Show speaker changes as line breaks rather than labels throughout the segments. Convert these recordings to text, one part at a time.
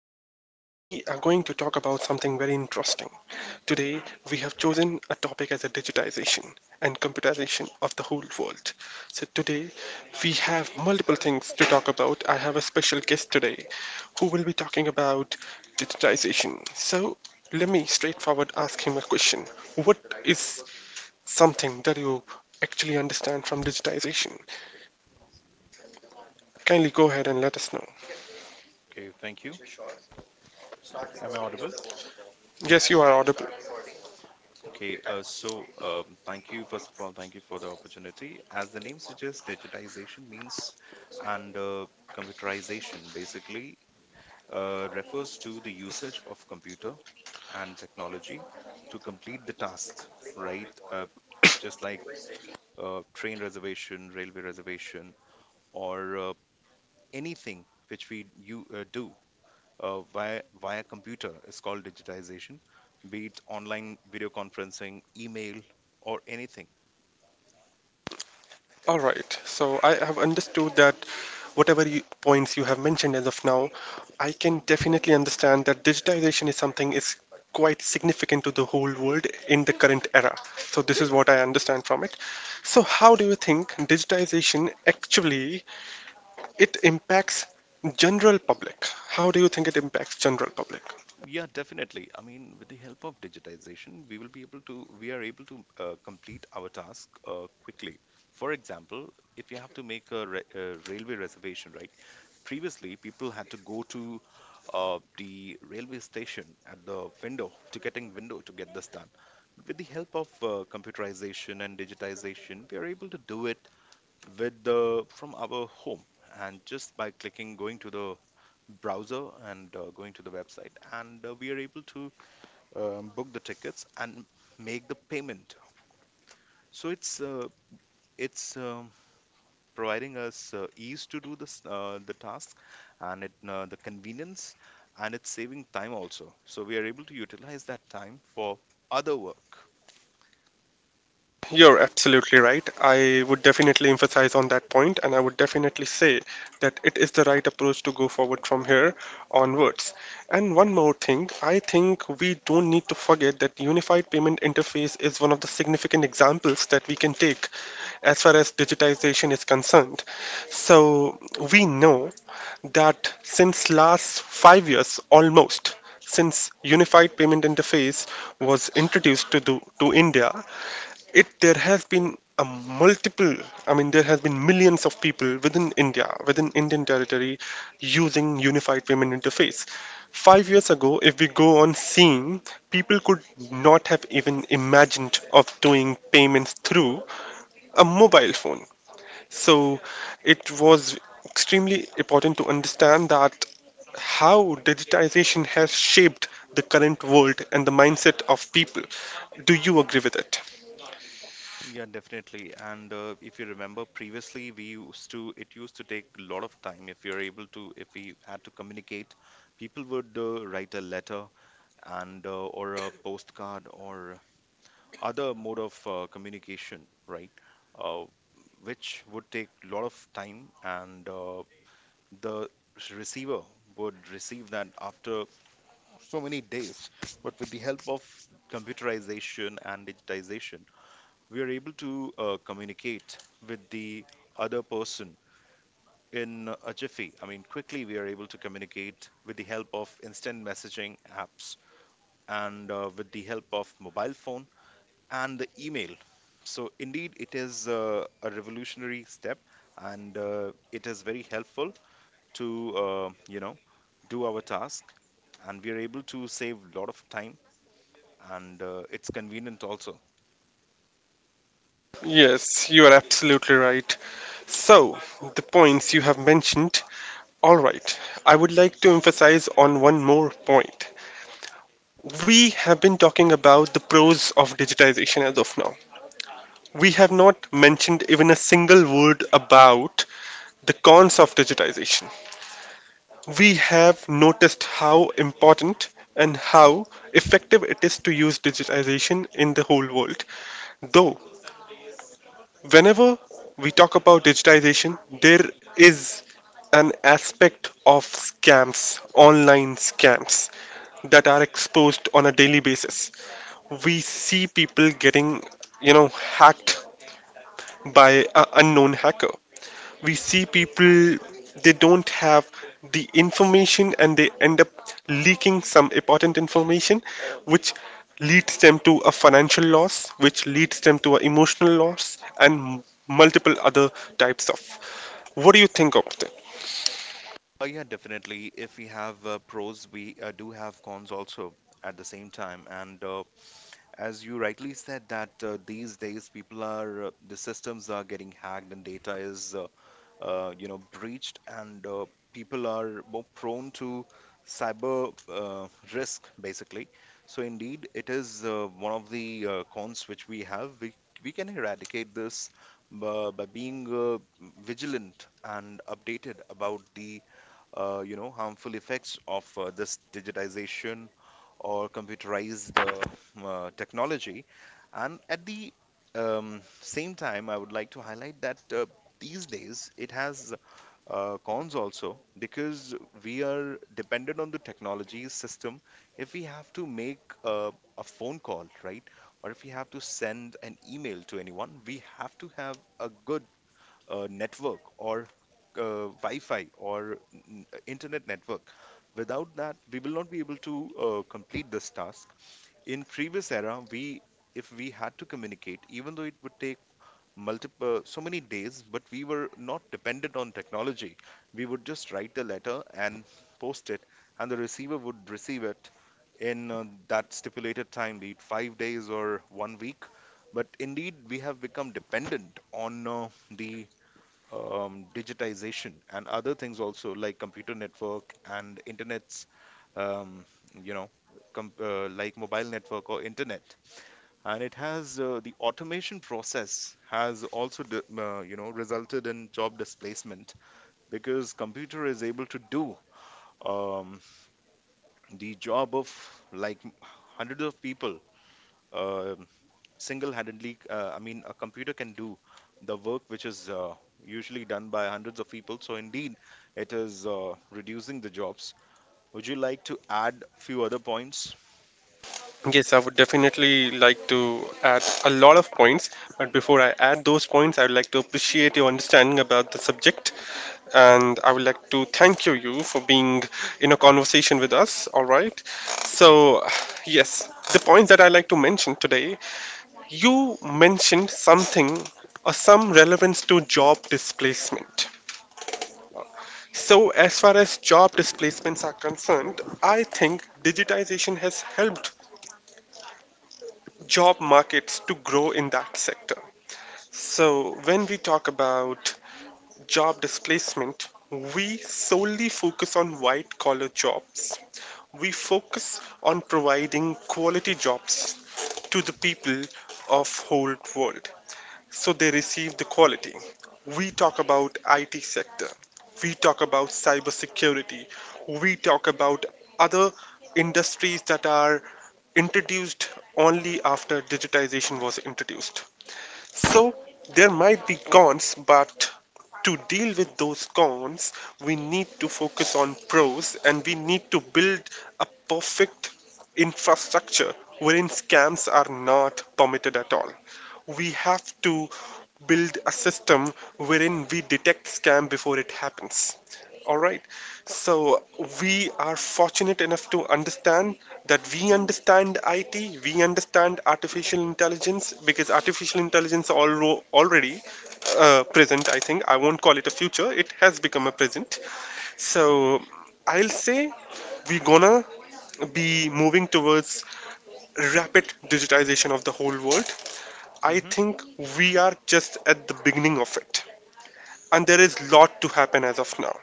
friend and we are going to talk about something very interesting. Today we have chosen a topic as a digitization and computerization of the whole world. So today we have multiple things to talk about. I have a special guest today who will be talking about digitization. So let me straightforward ask him a question. What is something that you actually understand from digitization? Kindly go ahead and let us know.
Okay, thank you. Am I audible?
Yes, you are audible.
Okay, thank you. First of all, thank you for the opportunity. As the name suggests, digitization means and computerization basically refers to the usage of computer and technology to complete the tasks, right? Just like train reservation, railway reservation, or anything which we you do via computer is called digitization, be it online video conferencing, email, or anything.
All right. So I have understood that whatever points you have mentioned as of now, I can definitely understand that digitization is quite significant to the whole world in the current era. So this is what I understand from it. So how do you think digitization actually it impacts general public? How do you think it impacts general public?
Yeah, definitely. I mean, with the help of digitization, we are able to complete our task quickly. For example, if you have to make a railway reservation, right? Previously, people had to go to the railway station at the window, ticketing window to get this done. But with the help of computerization and digitization, we are able to do it with the from our home and just by clicking going to the browser and going to the website, and we are able to book the tickets and make the payment. So it's providing us ease to do this the task and it the convenience, and it's saving time also, so we are able to utilize that time for other work.
You're absolutely right. I would definitely emphasize on that point, and I would definitely say that it is the right approach to go forward from here onwards. And one more thing, I think we don't need to forget that unified payment interface is one of the significant examples that we can take as far as digitization is concerned. So we know that since last 5 years almost, since unified payment interface was introduced to india, it there have been a multiple I mean there has been millions of people within indian territory using unified payment interface. 5 years ago, if we go on seeing, people could not have even imagined of doing payments through a mobile phone. So it was extremely important to understand that how digitization has shaped the current world and the mindset of people. Do you agree with it?
Yeah, definitely. And if you remember, previously it used to take a lot of time. If we had to communicate, people would write a letter and or a postcard, or other mode of communication, right? Uh, which would take a lot of time, and the receiver would receive that after so many days. But with the help of computerization and digitization, we are able to communicate with the other person in a jiffy. I mean, quickly we are able to communicate with the help of instant messaging apps and with the help of mobile phone and the email. So indeed, it is a revolutionary step, and it is very helpful to do our task. And we are able to save a lot of time, and it's convenient also.
Yes, you are absolutely right. So, the points you have mentioned. All right, I would like to emphasize on one more point. We have been talking about the pros of digitization as of now. We have not mentioned even a single word about the cons of digitization. We have noticed how important and how effective it is to use digitization in the whole world. Though, whenever we talk about digitization, there is an aspect of scams, online scams, that are exposed on a daily basis. We see people getting, you know, hacked by an unknown hacker. We see people, they don't have the information, and they end up leaking some important information which leads them to a financial loss, which leads them to an emotional loss and multiple other types of, what do you think of that?
Yeah, definitely. If we have pros, we do have cons also at the same time. And as you rightly said, that these days the systems are getting hacked and data is, breached, and people are more prone to cyber risk, basically. So indeed, it is one of the cons which we have. We can eradicate this by being vigilant and updated about the harmful effects of this digitization or computerized technology. And at the same time, I would like to highlight that these days it has cons also, because we are dependent on the technology system. If we have to make a phone call, right, or if we have to send an email to anyone, we have to have a good network, or Wi-Fi, or internet network. Without that, we will not be able to complete this task. In previous era, we if we had to communicate, even though it would take multiple so many days, but we were not dependent on technology. We would just write the letter and post it, and the receiver would receive it in that stipulated time, be it 5 days or one week. But indeed, we have become dependent on the digitization and other things also, like computer network and internets, um, you know like mobile network or internet. And it has the automation process has also resulted in job displacement, because computer is able to do um, the job of like hundreds of people uh, single-handedly. I mean, a computer can do the work which is usually done by hundreds of people. So indeed, it is reducing the jobs. Would you like to add few other points?
Yes, I would definitely like to add a lot of points, but before I add those points I would like to appreciate your understanding about the subject, and I would like to thank you for being in a conversation with us. All right. So, yes, the points that I like to mention today, you mentioned something or some relevance to job displacement. So, as far as job displacements are concerned, I think digitization has helped job markets to grow in that sector. So, when we talk about job displacement, we solely focus on white collar jobs. We focus on providing quality jobs to the people of whole world so they receive the quality. We talk about IT sector. We talk about cybersecurity. We talk about other industries that are introduced only after digitization was introduced. So there might be cons, but to deal with those cons, we need to focus on pros and we need to build a perfect infrastructure wherein scams are not permitted at all. We have to build a system wherein we detect scam before it happens. All right. So we are fortunate enough to understand that, we understand it, we understand artificial intelligence, because artificial intelligence already present. I think I won't call it a future, it has become a present. So I'll say we're gonna be moving towards rapid digitization of the whole world. I
Hmm.
think we are just at the beginning of it, and there
Yeah.
is lot to happen as of now.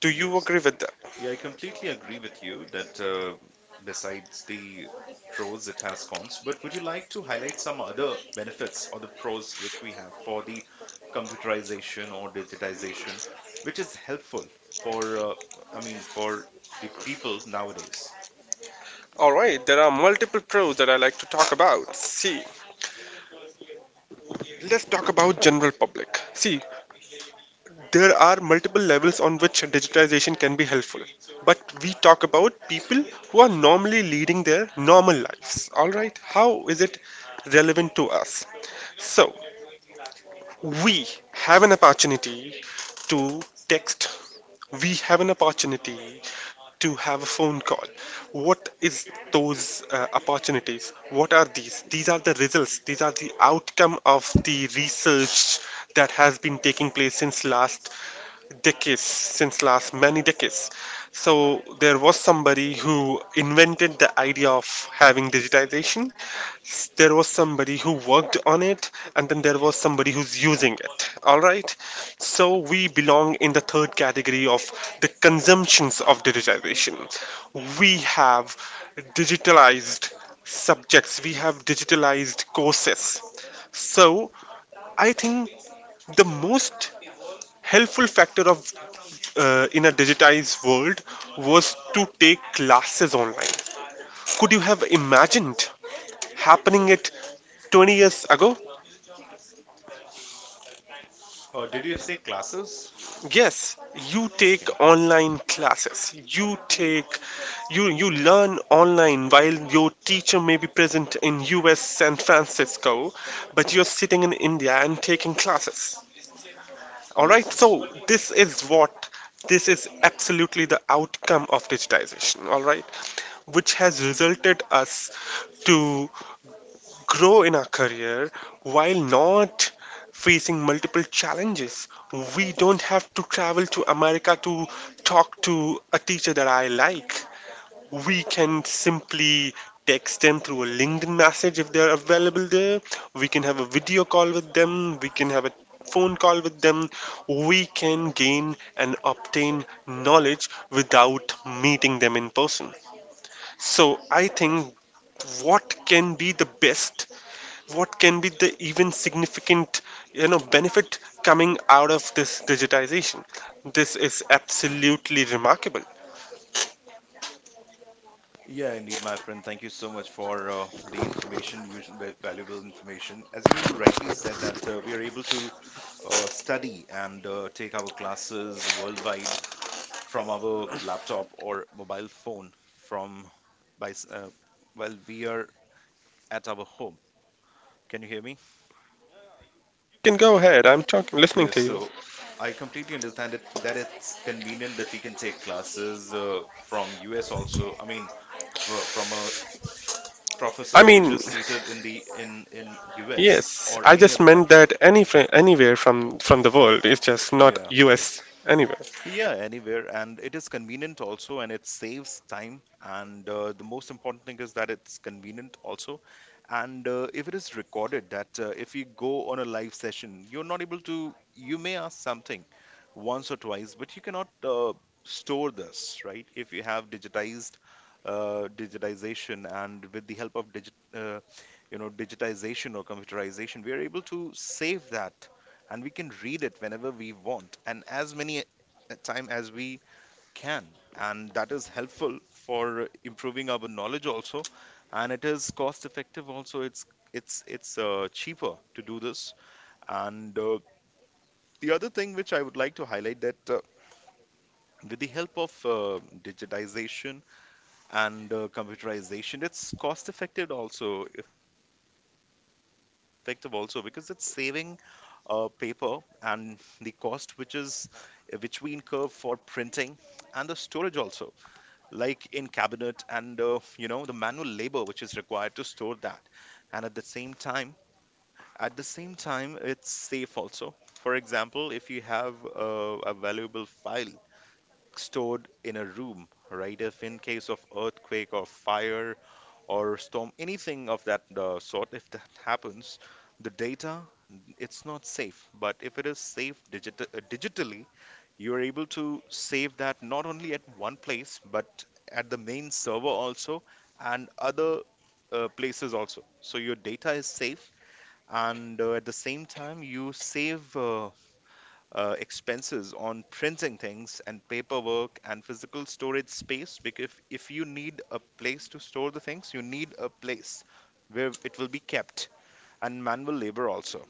Do you
Yes.
agree with that?
Yeah, I completely agree with you that besides the pros, it has cons. But would you like to highlight some other benefits or the pros which we have for the computerization or digitization, which is helpful for, uh, I mean, for the people nowadays?
All right, there are multiple pros that I like to talk about. See, let's talk about general public. See, there are multiple levels on which digitization can be helpful, but we talk about people who are normally leading their normal lives. All right, how is it relevant to us? So, we have an opportunity to text. We have an opportunity to have a phone call. What is those opportunities? What are these? These are the results. These are the outcome of the research that has been taking place since last decades, since last many decades. So there was somebody who invented the idea of having digitization. There was somebody who worked on it, and then there was somebody who's using it. All right, so we belong in the third category of the consumptions of digitization. We have digitalized subjects, we have digitalized courses. So I think the most helpful factor of in a digitized world was to take classes online. Could you have imagined happening it 20 years ago?
Or did you say classes?
Yes, you
Okay.
take online classes. You take, you learn online while your teacher may be present in US San Francisco, but you're sitting in India and taking classes. All right,
Yes, yes.
so this is absolutely the outcome of digitization, all right, which has resulted us to grow in our career while not facing multiple challenges. We don't have to travel to America to talk to a teacher that I like, we can simply text them through a LinkedIn message if they are available there. We can have a video call with them. We can have a phone call with them. We can gain and obtain knowledge without meeting them in person. So I think, what can be the best, what can be the even significant, you know, benefit coming out of this digitization. This is absolutely remarkable.
Yeah, indeed, my friend. Thank you so much for the information, usual valuable information. As you rightly said, that we are able to study and take our classes worldwide from our laptop or mobile phone from by s- uh, while we are at our home. Can you hear me?
You can go ahead. I'm talking, listening
Yeah,
to you.
so I completely understand it that it's convenient that we can take classes from US also. I mean, f from a
I
professor which
mean,
is seated in the in US
yes,
or
I
any
just
other
meant
country.
that any anywhere from the world. It's just not
Yeah.
US anywhere.
Yeah, anywhere, and it is convenient also, and it saves time, and the most important thing is that it's convenient also. And if it is recorded, that if you go on a live session, you're not able to you may ask something once or twice, but you cannot store this, right? If you have digitized digitization, and with the help of digitization or computerization, we are able to save that, and we can read it whenever we want and as many a time as we can. And that is helpful for improving our knowledge also, and it is cost effective also. It's cheaper to do this. And the other thing which I would like to highlight, that with the help of digitization and computerization, it's cost effective also, because it's saving paper and the cost which we incur for printing, and the storage also, like in cabinet, and the manual labor which is required to store that. And at the same time, it's safe also. For example, if you have a valuable file stored in a room, right? If in case of earthquake or fire or storm, anything of that sort, if that happens, the data, it's not safe. But if it is safe digitally, you're able to save that not only at one place, but at the main server also, and other places also. So your data is safe, and at the same time you save. Expenses on printing things and paperwork and physical storage space, because if you need a place to store the things, you need a place where it will be kept, and manual labor also.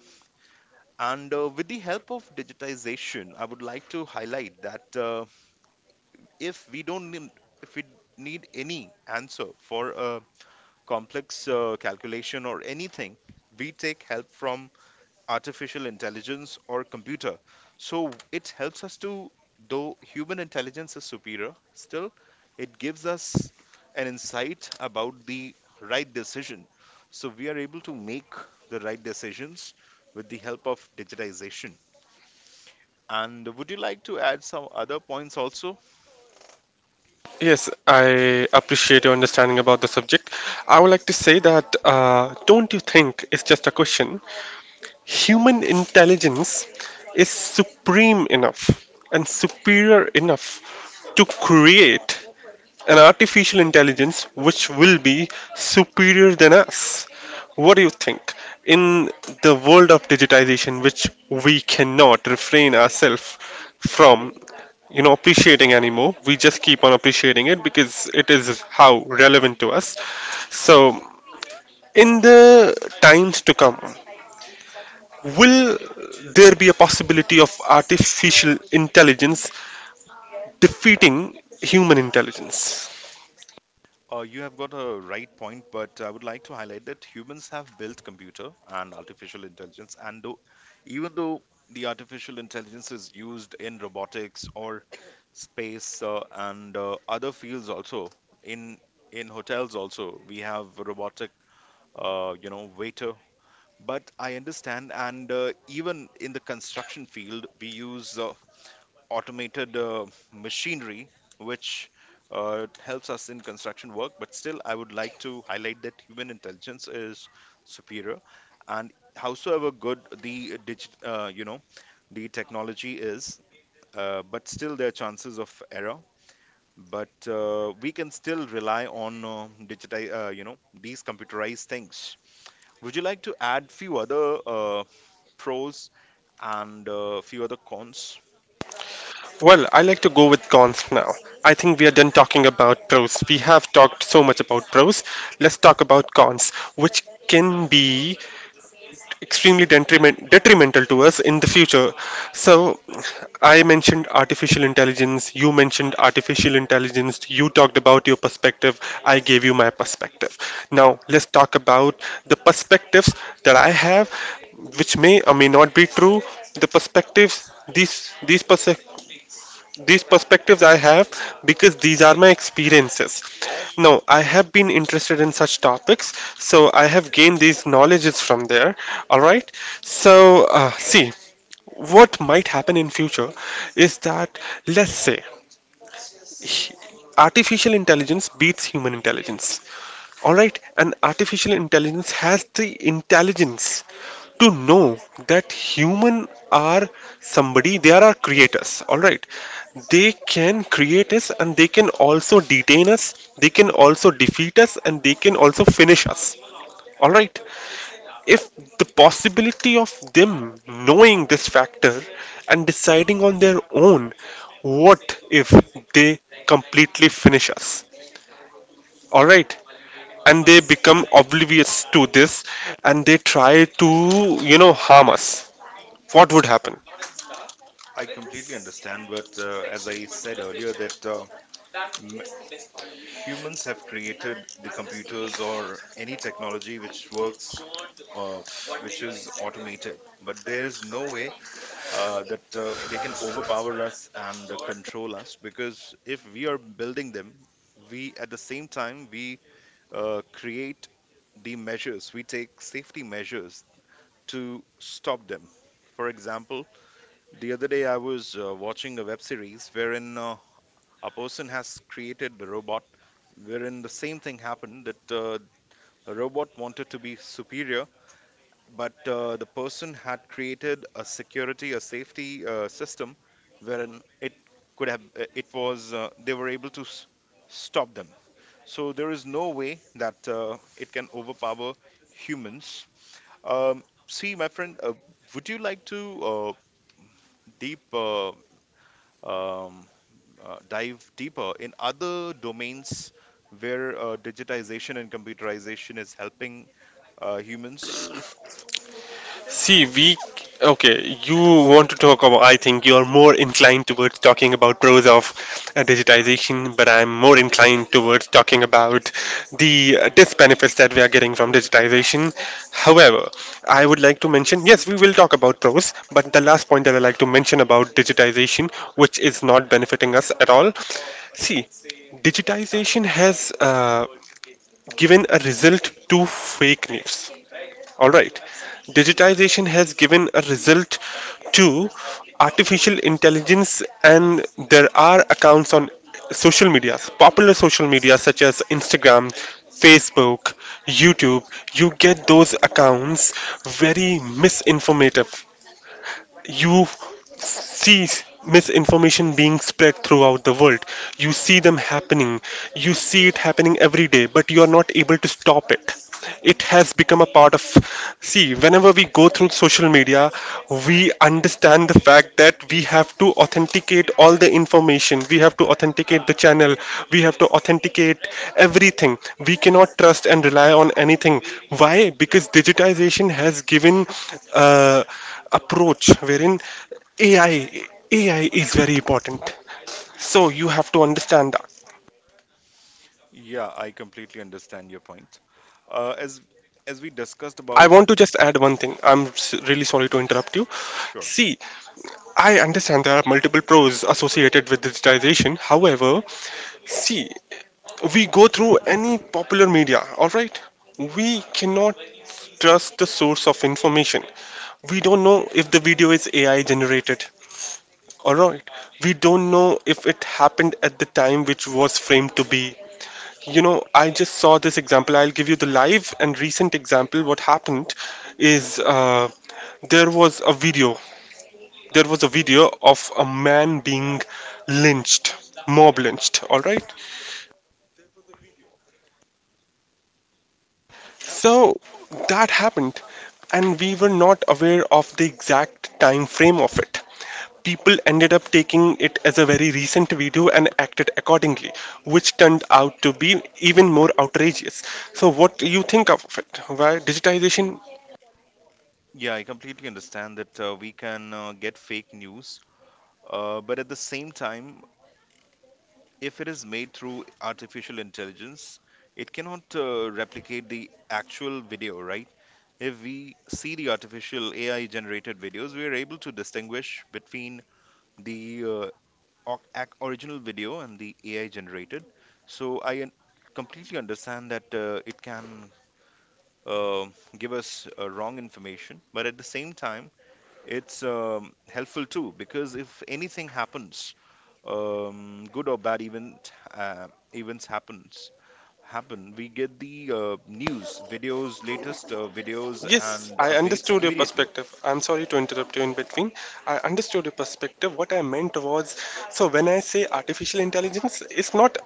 And with the help of digitization, I would like to highlight that if we don't need, if we need any answer for a complex calculation or anything, we take help from artificial intelligence or computer. So it helps us to, though human intelligence is superior, still it gives us an insight about the right decision. So we are able to make the right decisions with the help of digitization. And would you like to add some other points also?
Yes, I appreciate your understanding about the subject. I would like to say that don't you think it's just a question? Human intelligence is supreme enough and superior enough to create an artificial intelligence which will be superior than us. What do you think? In the world of digitization, which we cannot refrain ourselves from, you know, appreciating anymore, we just keep on appreciating it because it is how relevant to us. So, in the times to come, will there be a possibility of artificial intelligence defeating human intelligence?
You have got a right point, but I would like to highlight that humans have built computer and artificial intelligence, even though the artificial intelligence is used in robotics or space, and other fields also, in in hotels also we have waiter. But I understand. And even in the construction field, we use automated machinery which helps us in construction work, but still, I would like to highlight that human intelligence is superior, and howsoever good the digit, you know, the technology is, but still there are chances of error. But we can still rely on these computerized things. Would you like to add few other pros and few other cons?
Well, I like to go with cons now. I think we are done talking about pros. We have talked so much about pros. Let's talk about cons, which can be extremely detrimental to us in the future. So, I mentioned artificial intelligence, you mentioned artificial intelligence, you talked about your perspective, I gave you my perspective. Now, let's talk about the perspectives that I have, which may or may not be true. The perspectives, these perspectives I have because these are my experiences. Now, I have been interested in such topics, so I have gained these knowledges from there. All right. So, see, what might happen in future is that, let's say, artificial intelligence beats human intelligence. Alright, an artificial intelligence has the intelligence to know that human are somebody, they are our creators. Alright, they can create us and they can also detain us, they can also defeat us, and they can also finish us. Alright, if the possibility of them knowing this factor and deciding on their own, what if they completely finish us? Alright, and they become oblivious to this and they try to, you know, harm us. What would happen?
I completely understand, but as I said earlier, m- humans have created the computers or any technology which works, uh, which is automated. But there is no way that they can overpower us and control us, because if we are building them, we at the same time we create the measures, we take safety measures to stop them. For example, the other day I was watching a web series wherein a person has created the robot, wherein the same thing happened, that a robot wanted to be superior, but the person had created a safety system wherein it could have it was they were able to stop them. So there is no way that it can overpower humans. um, See, my friend, would you like to uh, deep um, dive deeper in other domains where digitization and computerization is helping humans?
See, we okay. You want to talk about? I think you are more inclined towards talking about pros of digitization, but I'm more inclined towards talking about the disbenefits that we are getting from digitization. However, I would like to mention, yes, we will talk about pros, but the last point that I like to mention about digitization, which is not benefiting us at all. See, digitization has given a result to fake news, all right. Digitization has given a result to artificial intelligence, and there are accounts on social medias, popular social media such as Instagram, Facebook, YouTube. You get those accounts very misinformative. You sees misinformation being spread throughout the world. You see them happening. You see it happening every day, but you are not able to stop it. It has become a part of. See, whenever we go through social media, we understand the fact that we have to authenticate all the information. We have to authenticate the channel. We have to authenticate everything. We cannot trust and rely on anything. Why? Because digitization has given uh, approach wherein AI, AI is very important. So you have to understand that.
Yeah, I completely understand your point. Uh, as as we discussed
I
about,
want to just add one thing. I'm really sorry to
yes,
interrupt you.
sure.
See, I understand there are multiple pros associated with digitization. However, see, we go through any popular media, all right? We cannot trust the source of information. We don't know if the video is AI generated, all right? We don't know if it happened at the time which was framed to be. You know, I just saw this example. I'll give you the live and recent example. What happened is there was a video. There was a video of a man being lynched, mob lynched. All right. So that happened, and we were not aware of the exact time frame of it. People ended up taking it as a very recent video and acted accordingly, which turned out to be even more outrageous. So, what do you think of it? Why digitization?
Yeah, I completely understand that we can get fake news, but at the same time, if it is made through artificial intelligence, it cannot replicate the actual video, right? If we see the artificial AI generated videos, we are able to distinguish between the original video and the AI generated. So completely understand that it can uh, give us wrong information, but at the same time, it's helpful too, because if anything happens, good or bad events happen, we get the news, videos, latest videos
Yes,
and
I
updates
understood your
immediately.
perspective. I'm sorry to interrupt you in between. I understood your perspective. What I meant was, so when I say artificial intelligence, it's not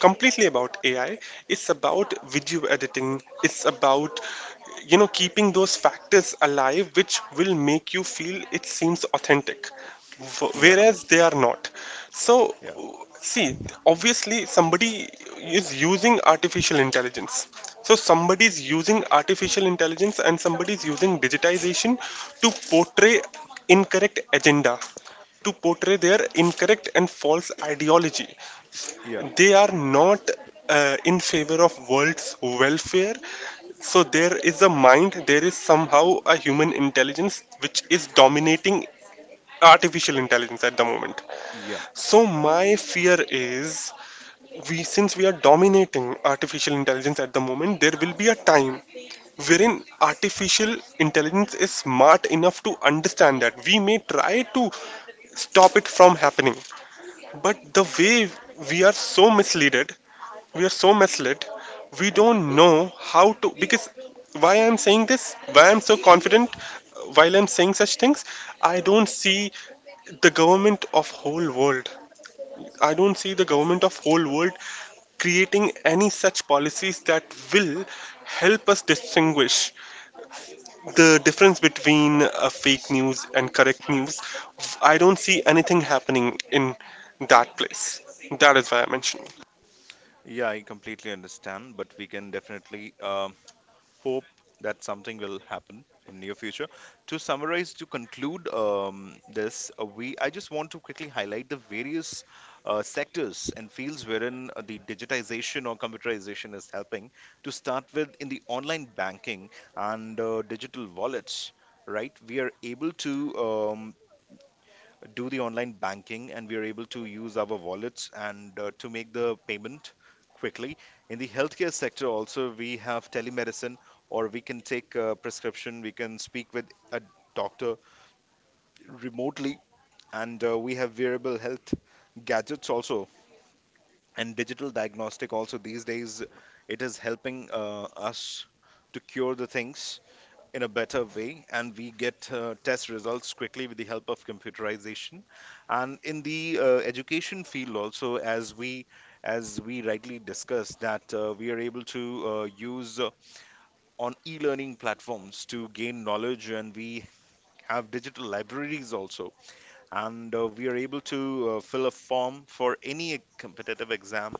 completely about AI. It's about video editing. It's about, you know, keeping those factors alive, which will make you feel it seems authentic
Yeah,
whereas they are not. So,
yeah,
see, obviously, somebody is using artificial intelligence. So, somebody is using artificial intelligence and somebody is using digitization to portray incorrect agenda, to portray their incorrect and false ideology.
yeah,
They are not in favor of world's welfare. So there is a mind, there is somehow a human intelligence which is dominating artificial intelligence at the moment,
yeah,
so my fear is, we, since we are dominating artificial intelligence at the moment, there will be a time wherein artificial intelligence is smart enough to understand that we may try to stop it from happening. But the way we are so misleaded, we are so misled. We don't know how to, because why I'm saying this, why I'm so confident while I'm saying such things, I don't see the government of whole world. I don't see the government of whole world creating any such policies that will help us distinguish the difference between fake news and correct news. I don't see anything happening in that place. That is why I mentioned.
yeah. I completely understand, but we can definitely hope that something will happen in near future. To summarize, to conclude this, we I just want to quickly highlight the various sectors and fields wherein the digitization or computerization is helping. To start with, in the online banking and digital wallets. Right, we are able to do the online banking, and we are able to use our wallets and to make the payment quickly. In the healthcare sector, also, we have telemedicine, or we can take a prescription, we can speak with a doctor remotely, and we have wearable health gadgets also, and digital diagnostic also. These days, it is helping us to cure the things in a better way, and we get test results quickly with the help of computerization. And in the education field also, as we rightly discussed that we are able to use on e-learning platforms to gain knowledge, and we have digital libraries also. And we are able to fill a form for any competitive exam,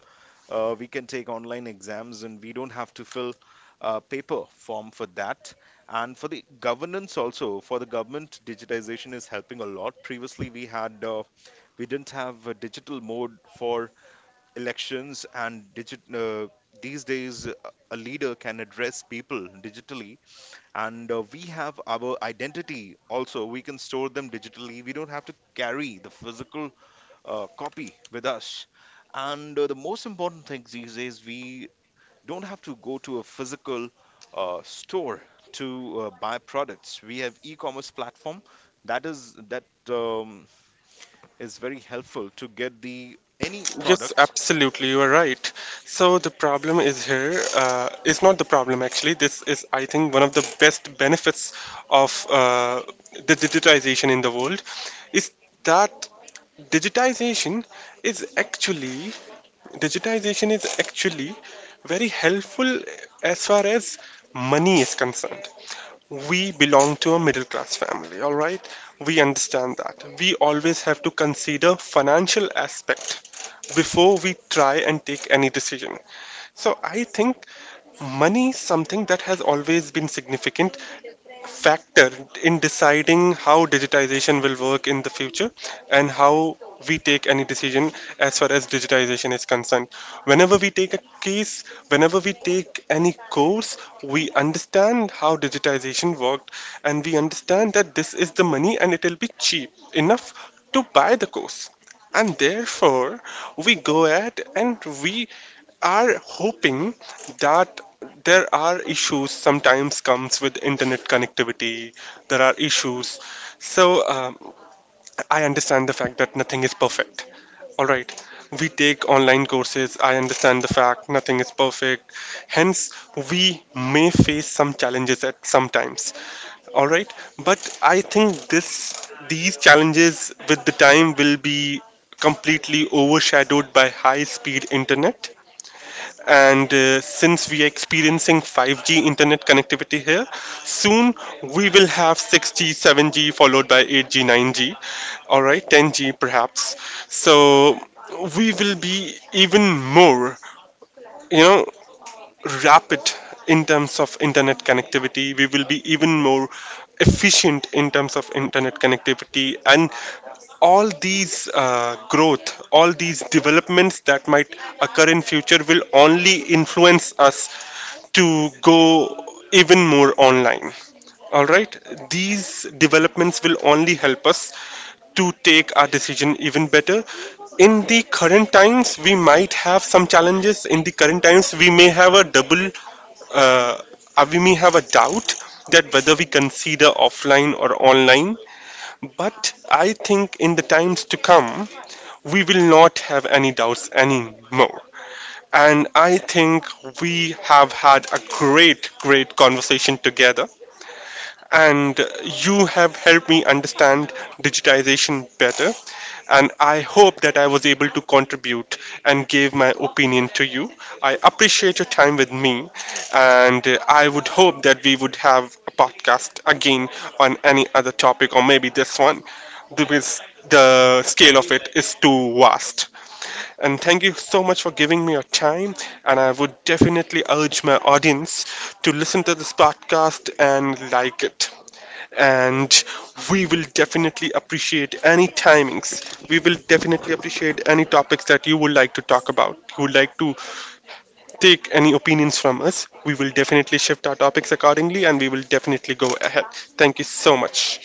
we can take online exams, and we don't have to fill a paper form for that. And for the governance also, for the government, digitization is helping a lot. Previously, we didn't have a digital mode for elections and digit these days, a leader can address people digitally. And we have our identity also, we can store them digitally, we don't have to carry the physical copy with us. And the most important thing these days, we don't have to go to a physical store to buy products. We have e-commerce platform that um, is very helpful to get the any
Yes,
product.
absolutely, you are right. So the problem is here, is not the problem actually. This is, I think, one of the best benefits of the digitization in the world is that digitization is actually digitization is actually very helpful as far as money is concerned. We belong to a middle class family, all right? We understand that. We always have to consider financial aspect before we try and take any decision. So I think money is something that has always been significant factor in deciding how digitization will work in the future and how we take any decision as far as digitization is concerned. Whenever we take a case, whenever we take any course, we understand how digitization worked, and we understand that this is the money and it will be cheap enough to buy the course, and therefore we go ahead and we are hoping that there are issues sometimes comes with internet connectivity, there are issues. So I understand the fact that nothing is perfect, all right, we take online courses, I understand the fact nothing is perfect, hence we may face some challenges at sometimes, all right, but I think this these challenges with the time will be completely overshadowed by high speed internet. And since we are experiencing 5G internet connectivity here, soon we will have 6G, 7G, followed by 8G, 9G, all right, 10G perhaps. So we will be even more, you know, rapid in terms of internet connectivity. We will be even more efficient in terms of internet connectivity, and all these growth, all these developments that might occur in future will only influence us to go even more online. All right, these developments will only help us to take our decision even better. In the current times, we might have some challenges. In the current times, uh, we may have a doubt that whether we consider offline or online. But I think in the times to come, we will not have any doubts anymore. And I think we have had a great, great conversation together, and you have helped me understand digitization better. And I hope that I was able to contribute and gave my opinion to you. I appreciate your time with me, and I would hope that we would have a podcast again on any other topic, or maybe this one, because the scale of it is too vast. And thank you so much for giving me your time. And I would definitely urge my audience to listen to this podcast and like it, and we will definitely appreciate any timings. We will definitely appreciate any topics that you would like to talk about. You would like to take any opinions from us. We will definitely shift our topics accordingly and we will definitely go ahead. Thank you so much.